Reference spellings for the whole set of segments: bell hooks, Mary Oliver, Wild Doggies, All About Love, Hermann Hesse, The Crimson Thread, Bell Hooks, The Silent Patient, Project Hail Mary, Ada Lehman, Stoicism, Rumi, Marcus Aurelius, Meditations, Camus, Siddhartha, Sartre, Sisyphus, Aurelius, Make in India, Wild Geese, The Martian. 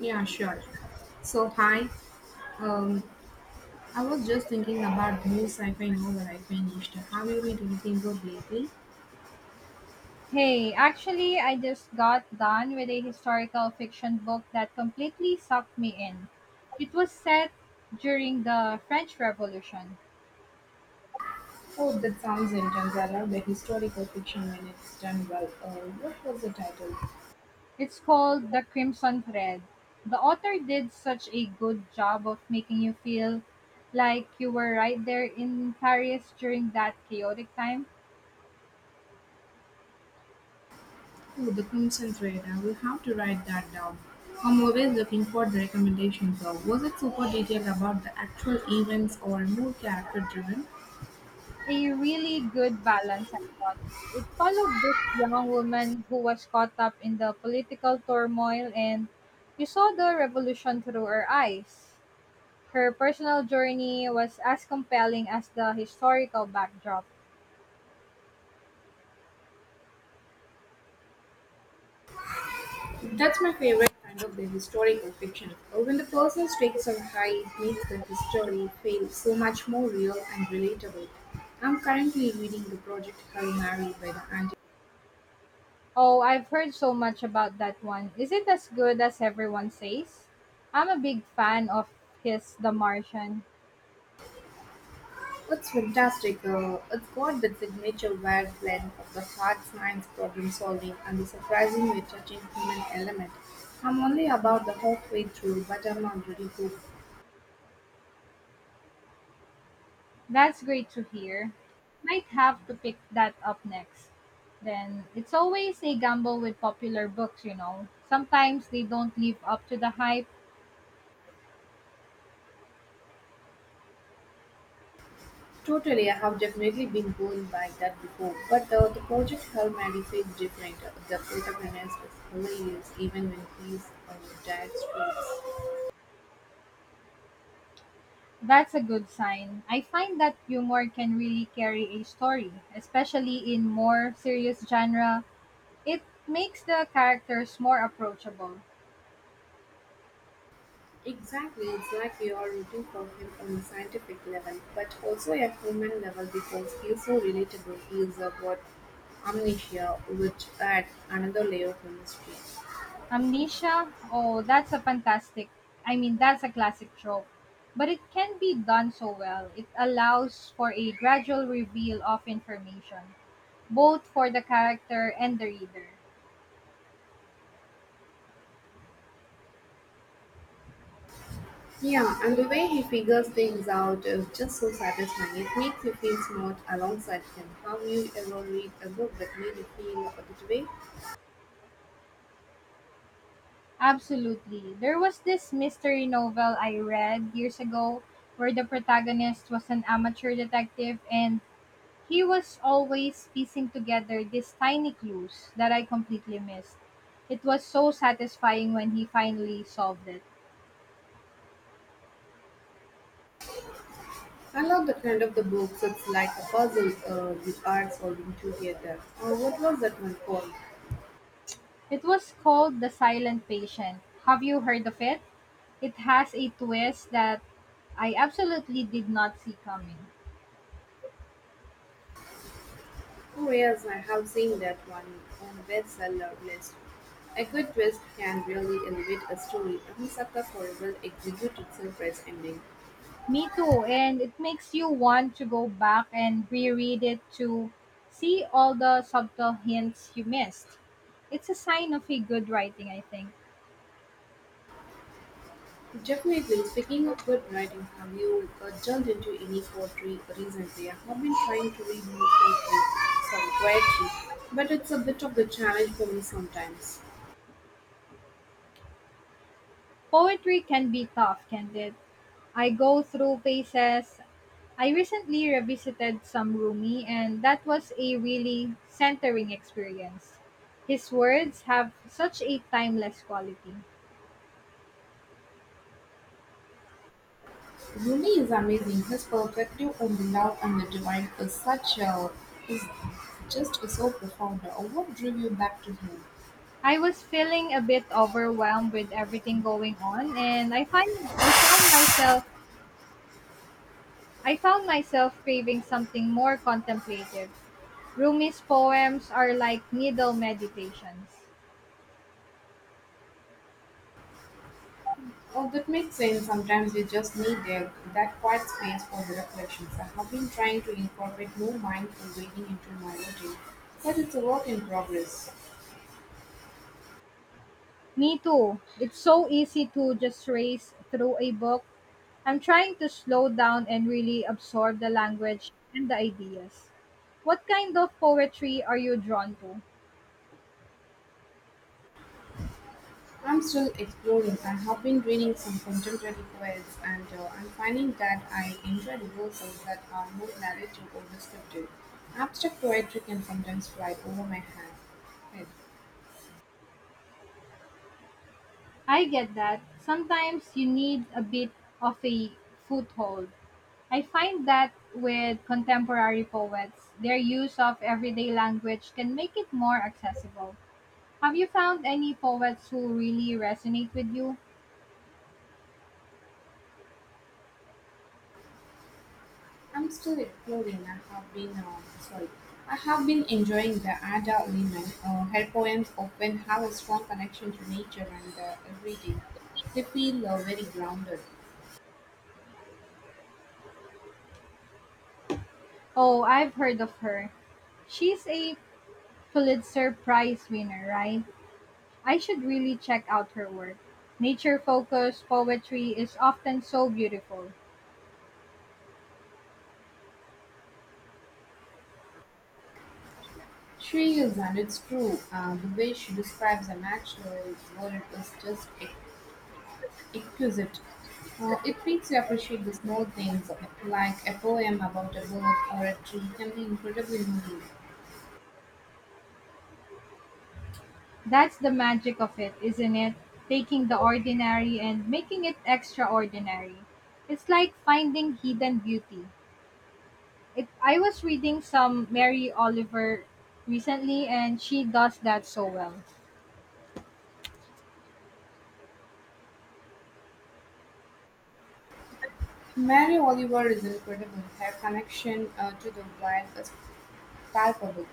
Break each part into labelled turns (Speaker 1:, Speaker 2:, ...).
Speaker 1: Yeah, sure. So, hi. Um, I was just thinking about the new sci-fi novel I finished. Have you read anything good lately?
Speaker 2: Hey, actually, I just got done with a historical fiction book that completely sucked me in. It was set during the French Revolution.
Speaker 1: Oh, that sounds intense. I love the historical fiction when it's done well. What was the title?
Speaker 2: It's called The Crimson Thread. The author did such a good job of making you feel like you were right there in Paris during that chaotic time.
Speaker 1: Oh, The Crimson Thread. I will have to write that down. I'm always looking for the recommendations. Was it super detailed about the actual events or more character-driven?
Speaker 2: A really good balance, I thought. It followed this young woman who was caught up in the political turmoil, and you saw the revolution through her eyes. Her personal journey was as compelling as the historical backdrop.
Speaker 1: That's my favorite kind of the historical fiction. When the person stakes are high, it makes the history feel so much more real and relatable. I'm currently reading the Project Hail Mary by the Andy.
Speaker 2: Oh, I've heard so much about that one. Is it as good as everyone says? I'm a big fan of his The Martian.
Speaker 1: It's fantastic. It's got that signature wild blend of the hard science problem solving and the surprisingly touching human element. I'm only about the halfway through, but I'm already hooked.
Speaker 2: That's great to hear. Might have to pick that up next. Then it's always a gamble with popular books, you know. Sometimes they don't live up to the hype.
Speaker 1: Totally, I have definitely been going by that before. But the project helped Maddie feel different. The protagonist is hilarious even when he's dead straight.
Speaker 2: That's a good sign. I find that humor can really carry a story, especially in more serious genre. It makes the characters more approachable.
Speaker 1: Exactly, it's like you are rooting for him on a scientific level, but also a human level because he's so relatable. He is what amnesia would add another layer of the mystery.
Speaker 2: Amnesia? Oh, that's a fantastic, I mean, that's a classic trope. But it can be done so well. It allows for a gradual reveal of information, both for the character and the reader.
Speaker 1: Yeah, and the way he figures things out is just so satisfying. It makes you feel smart alongside him. Have you ever read a book that made you feel that way?
Speaker 2: Absolutely. There was this mystery novel I read years ago where the protagonist was an amateur detective and he was always piecing together these tiny clues that I completely missed. It was so satisfying when he finally solved it.
Speaker 1: I love the kind of the books. It's like a puzzle you are solving together. Or what was that one called?
Speaker 2: It was called The Silent Patient. Have you heard of it? It has a twist that I absolutely did not see coming.
Speaker 1: Oh yes, I have seen that one on the bestseller list. A good twist can really elevate a story. I'm a sucker for a well-executed surprise ending.
Speaker 2: Me too, and it makes you want to go back and reread it to see all the subtle hints you missed. It's a sign of a good writing, I think.
Speaker 1: Definitely. Speaking of good writing, have you delved into any poetry recently? I have been trying to read more poetry, sorry, poetry, but it's a bit of a challenge for me sometimes.
Speaker 2: Poetry can be tough, can't it? I go through phases. I recently revisited some Rumi, and that was a really centering experience. His words have such a timeless quality.
Speaker 1: Rumi is amazing. His perspective on the love and the divine is such a is just so profound. What drew you back to him?
Speaker 2: I was feeling a bit overwhelmed with everything going on, and I found myself craving something more contemplative. Rumi's poems are like needle meditations.
Speaker 1: Oh, that makes sense. Sometimes you just need a, that quiet space for the reflections. I have been trying to incorporate more mindful reading into my routine, but it's a work in progress.
Speaker 2: Me too. It's so easy to just race through a book. I'm trying to slow down and really absorb the language and the ideas. What kind of poetry are you drawn to?
Speaker 1: I'm still exploring. I have been reading some contemporary poets, and I'm finding that I enjoy the verses that are more narrative or descriptive. Abstract poetry can sometimes fly over my head.
Speaker 2: I get that. Sometimes you need a bit of a foothold. I find that with contemporary poets, their use of everyday language can make it more accessible. Have you found any poets who really resonate with you?
Speaker 1: I'm still exploring. I have been sorry. I have been enjoying the Ada Lehman. Her poems often have a strong connection to nature and the everyday. They feel very grounded.
Speaker 2: Oh, I've heard of her. She's a Pulitzer Prize winner, right? I should really check out her work. Nature focused poetry is often so beautiful.
Speaker 1: She is, and it's true. The way she describes the natural world is just exquisite. It makes you appreciate the small things, like a poem about a bird or a tree, can be incredibly moving.
Speaker 2: That's the magic of it, isn't it? Taking the ordinary and making it extraordinary. It's like finding hidden beauty. It, I was reading some Mary Oliver recently, and she does that so well.
Speaker 1: Mary Oliver is incredible; her connection to the wild is palpable.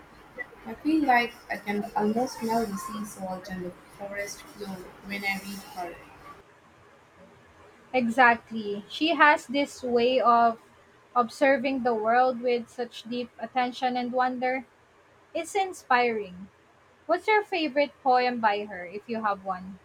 Speaker 1: I feel like I can almost smell the sea salt and the forest floor when I read her.
Speaker 2: Exactly. She has this way of observing the world with such deep attention and wonder. It's inspiring. What's your favorite poem by her, if you have one?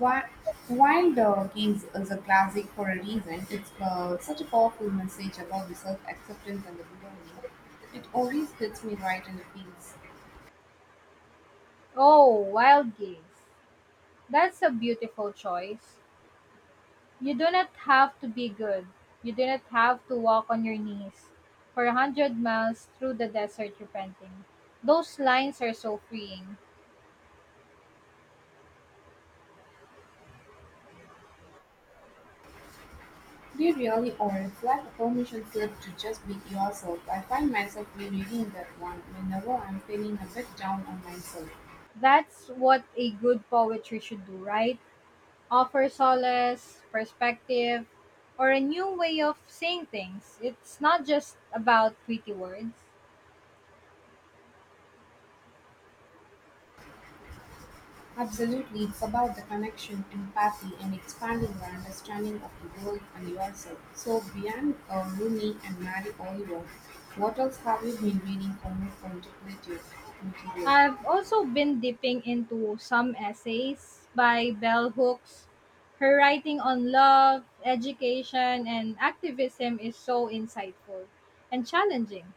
Speaker 1: Wi- Wild Doggies is a classic for a reason. It's such a powerful message about the self acceptance and the belonging. It always hits me right in the feels.
Speaker 2: Oh, Wild Geese. That's a beautiful choice. You do not have to be good. You do not have to walk on your knees for 100 miles through the desert repenting. Those lines are so freeing.
Speaker 1: You really are. It's like a permission slip to just be yourself. I find myself rereading that one whenever I'm feeling a bit down on myself.
Speaker 2: That's what a good poetry should do, right? Offer solace, perspective, or a new way of saying things. It's not just about pretty words.
Speaker 1: Absolutely, it's about the connection, empathy, and expanding your understanding of the world and yourself. So, beyond Rooney and Mary Oliver, what else have you been reading for more contemplative material?
Speaker 2: I've also been dipping into some essays by Bell Hooks. Her writing on love, education, and activism is so insightful and challenging.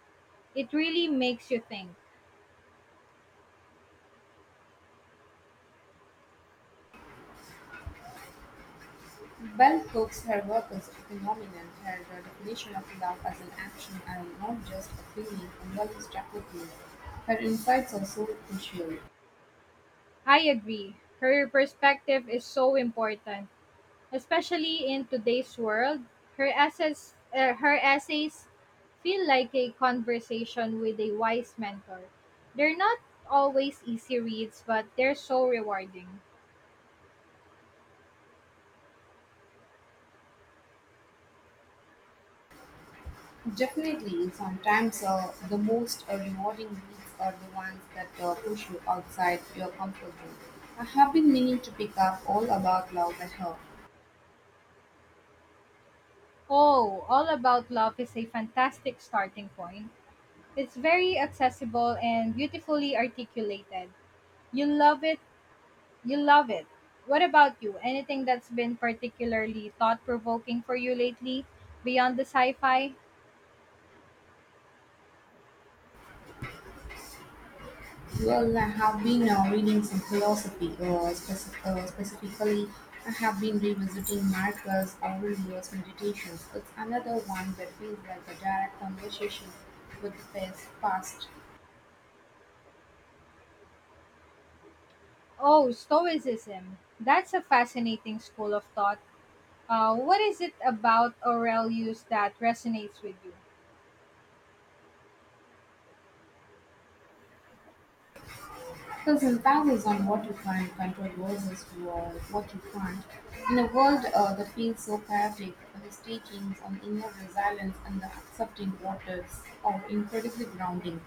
Speaker 2: It really makes you think.
Speaker 1: Bell hooks her workers' phenomenon, her definition of love as an action and not just a feeling, engages rapidly. Her insights are so crucial.
Speaker 2: I agree. Her perspective is so important, especially in today's world. Her essays feel like a conversation with a wise mentor. They're not always easy reads, but they're so rewarding.
Speaker 1: Definitely, sometimes the most rewarding reads are the ones that push you outside your comfort zone. I have been meaning to pick up all about love at her.
Speaker 2: Oh, All About Love is a fantastic starting point. It's very accessible and beautifully articulated. You love it. You love it. What about you? Anything that's been particularly thought provoking for you lately beyond the sci fi?
Speaker 1: Well, I have been reading some philosophy, specifically, I have been revisiting Marcus Aurelius' Meditations. It's another one that feels like a direct conversation with the past.
Speaker 2: Oh, Stoicism. That's a fascinating school of thought. What is it about Aurelius that resonates with you?
Speaker 1: His emphasis on what you can control versus what you can't. In a world that feels so chaotic, his teachings on inner resilience and the accepting what is are incredibly grounding.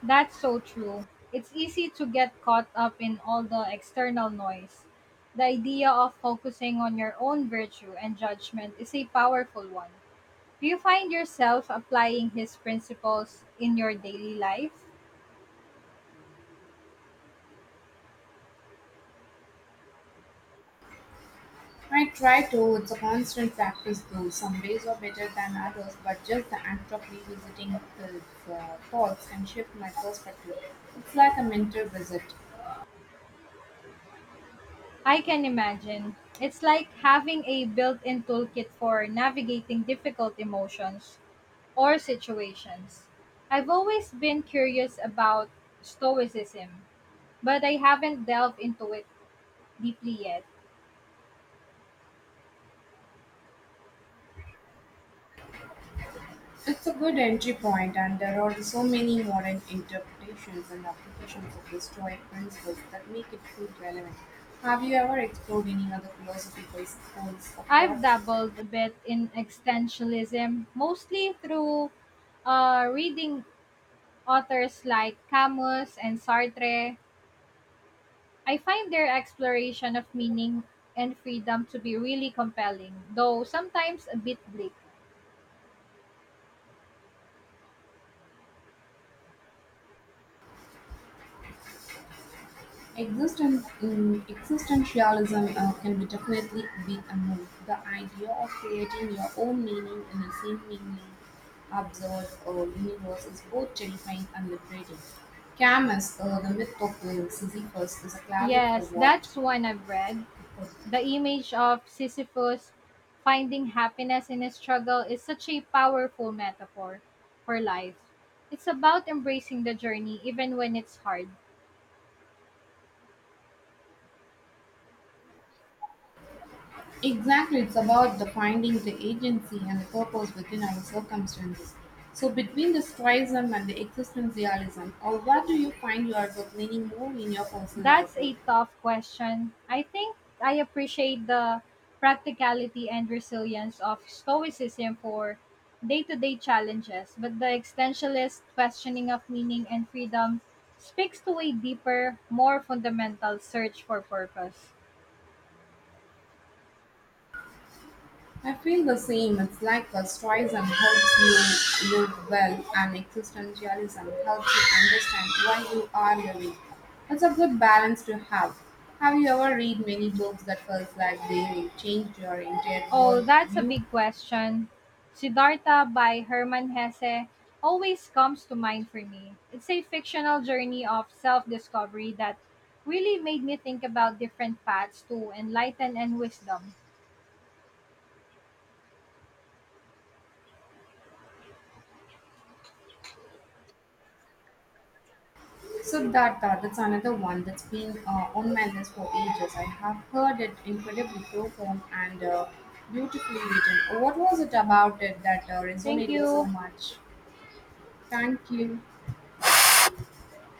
Speaker 2: That's so true. It's easy to get caught up in all the external noise. The idea of focusing on your own virtue and judgment is a powerful one. Do you find yourself applying his principles in your daily life?
Speaker 1: I try to. It's a constant practice though. Some days are better than others, but just the act of revisiting the thoughts can shift my perspective. It's like a mental visit.
Speaker 2: I can imagine. It's like having a built in toolkit for navigating difficult emotions or situations. I've always been curious about Stoicism, but I haven't delved into it deeply yet.
Speaker 1: It's a good entry point, and there are so many modern interpretations and applications of the Stoic principles that make it feel relevant. Have you ever explored any other philosophical schools of
Speaker 2: I've
Speaker 1: thought?
Speaker 2: dabbled a bit in existentialism, mostly through reading authors like Camus and Sartre. I find their exploration of meaning and freedom to be really compelling, though sometimes a bit bleak.
Speaker 1: Existentialism can be definitely be a move. The idea of creating your own meaning in the same meaning absurd universe is both terrifying and liberating. Camus, the myth of Sisyphus, is a classic for
Speaker 2: Yes,
Speaker 1: what?
Speaker 2: that's one I've read.
Speaker 1: for-
Speaker 2: The image of Sisyphus finding happiness in his struggle is such a powerful metaphor for life. It's about embracing the journey even when it's hard.
Speaker 1: Exactly, it's about the finding the agency and the purpose within our circumstances. So, between the stoicism and the existentialism, or what do you find yourself leaning more in your personal
Speaker 2: That's a
Speaker 1: outlook?
Speaker 2: tough question. I think I appreciate the practicality and resilience of Stoicism for day to day challenges, but the existentialist questioning of meaning and freedom speaks to a deeper, more fundamental search for purpose.
Speaker 1: I feel the same. It's like the stoicism helps you live well, and existentialism helps you understand why you are living. It's a good balance to have. Have you ever read many books that felt like they changed your entire
Speaker 2: Oh, that's a
Speaker 1: worldview?
Speaker 2: big question. Siddhartha by Hermann Hesse always comes to mind for me. It's a fictional journey of self discovery that really made me think about different paths to enlighten and wisdom.
Speaker 1: So that that's another one that's been on my list for ages. I have heard it incredibly profound and beautifully written. What was it about it that
Speaker 2: Thank
Speaker 1: resonated so
Speaker 2: you.
Speaker 1: much? Thank you.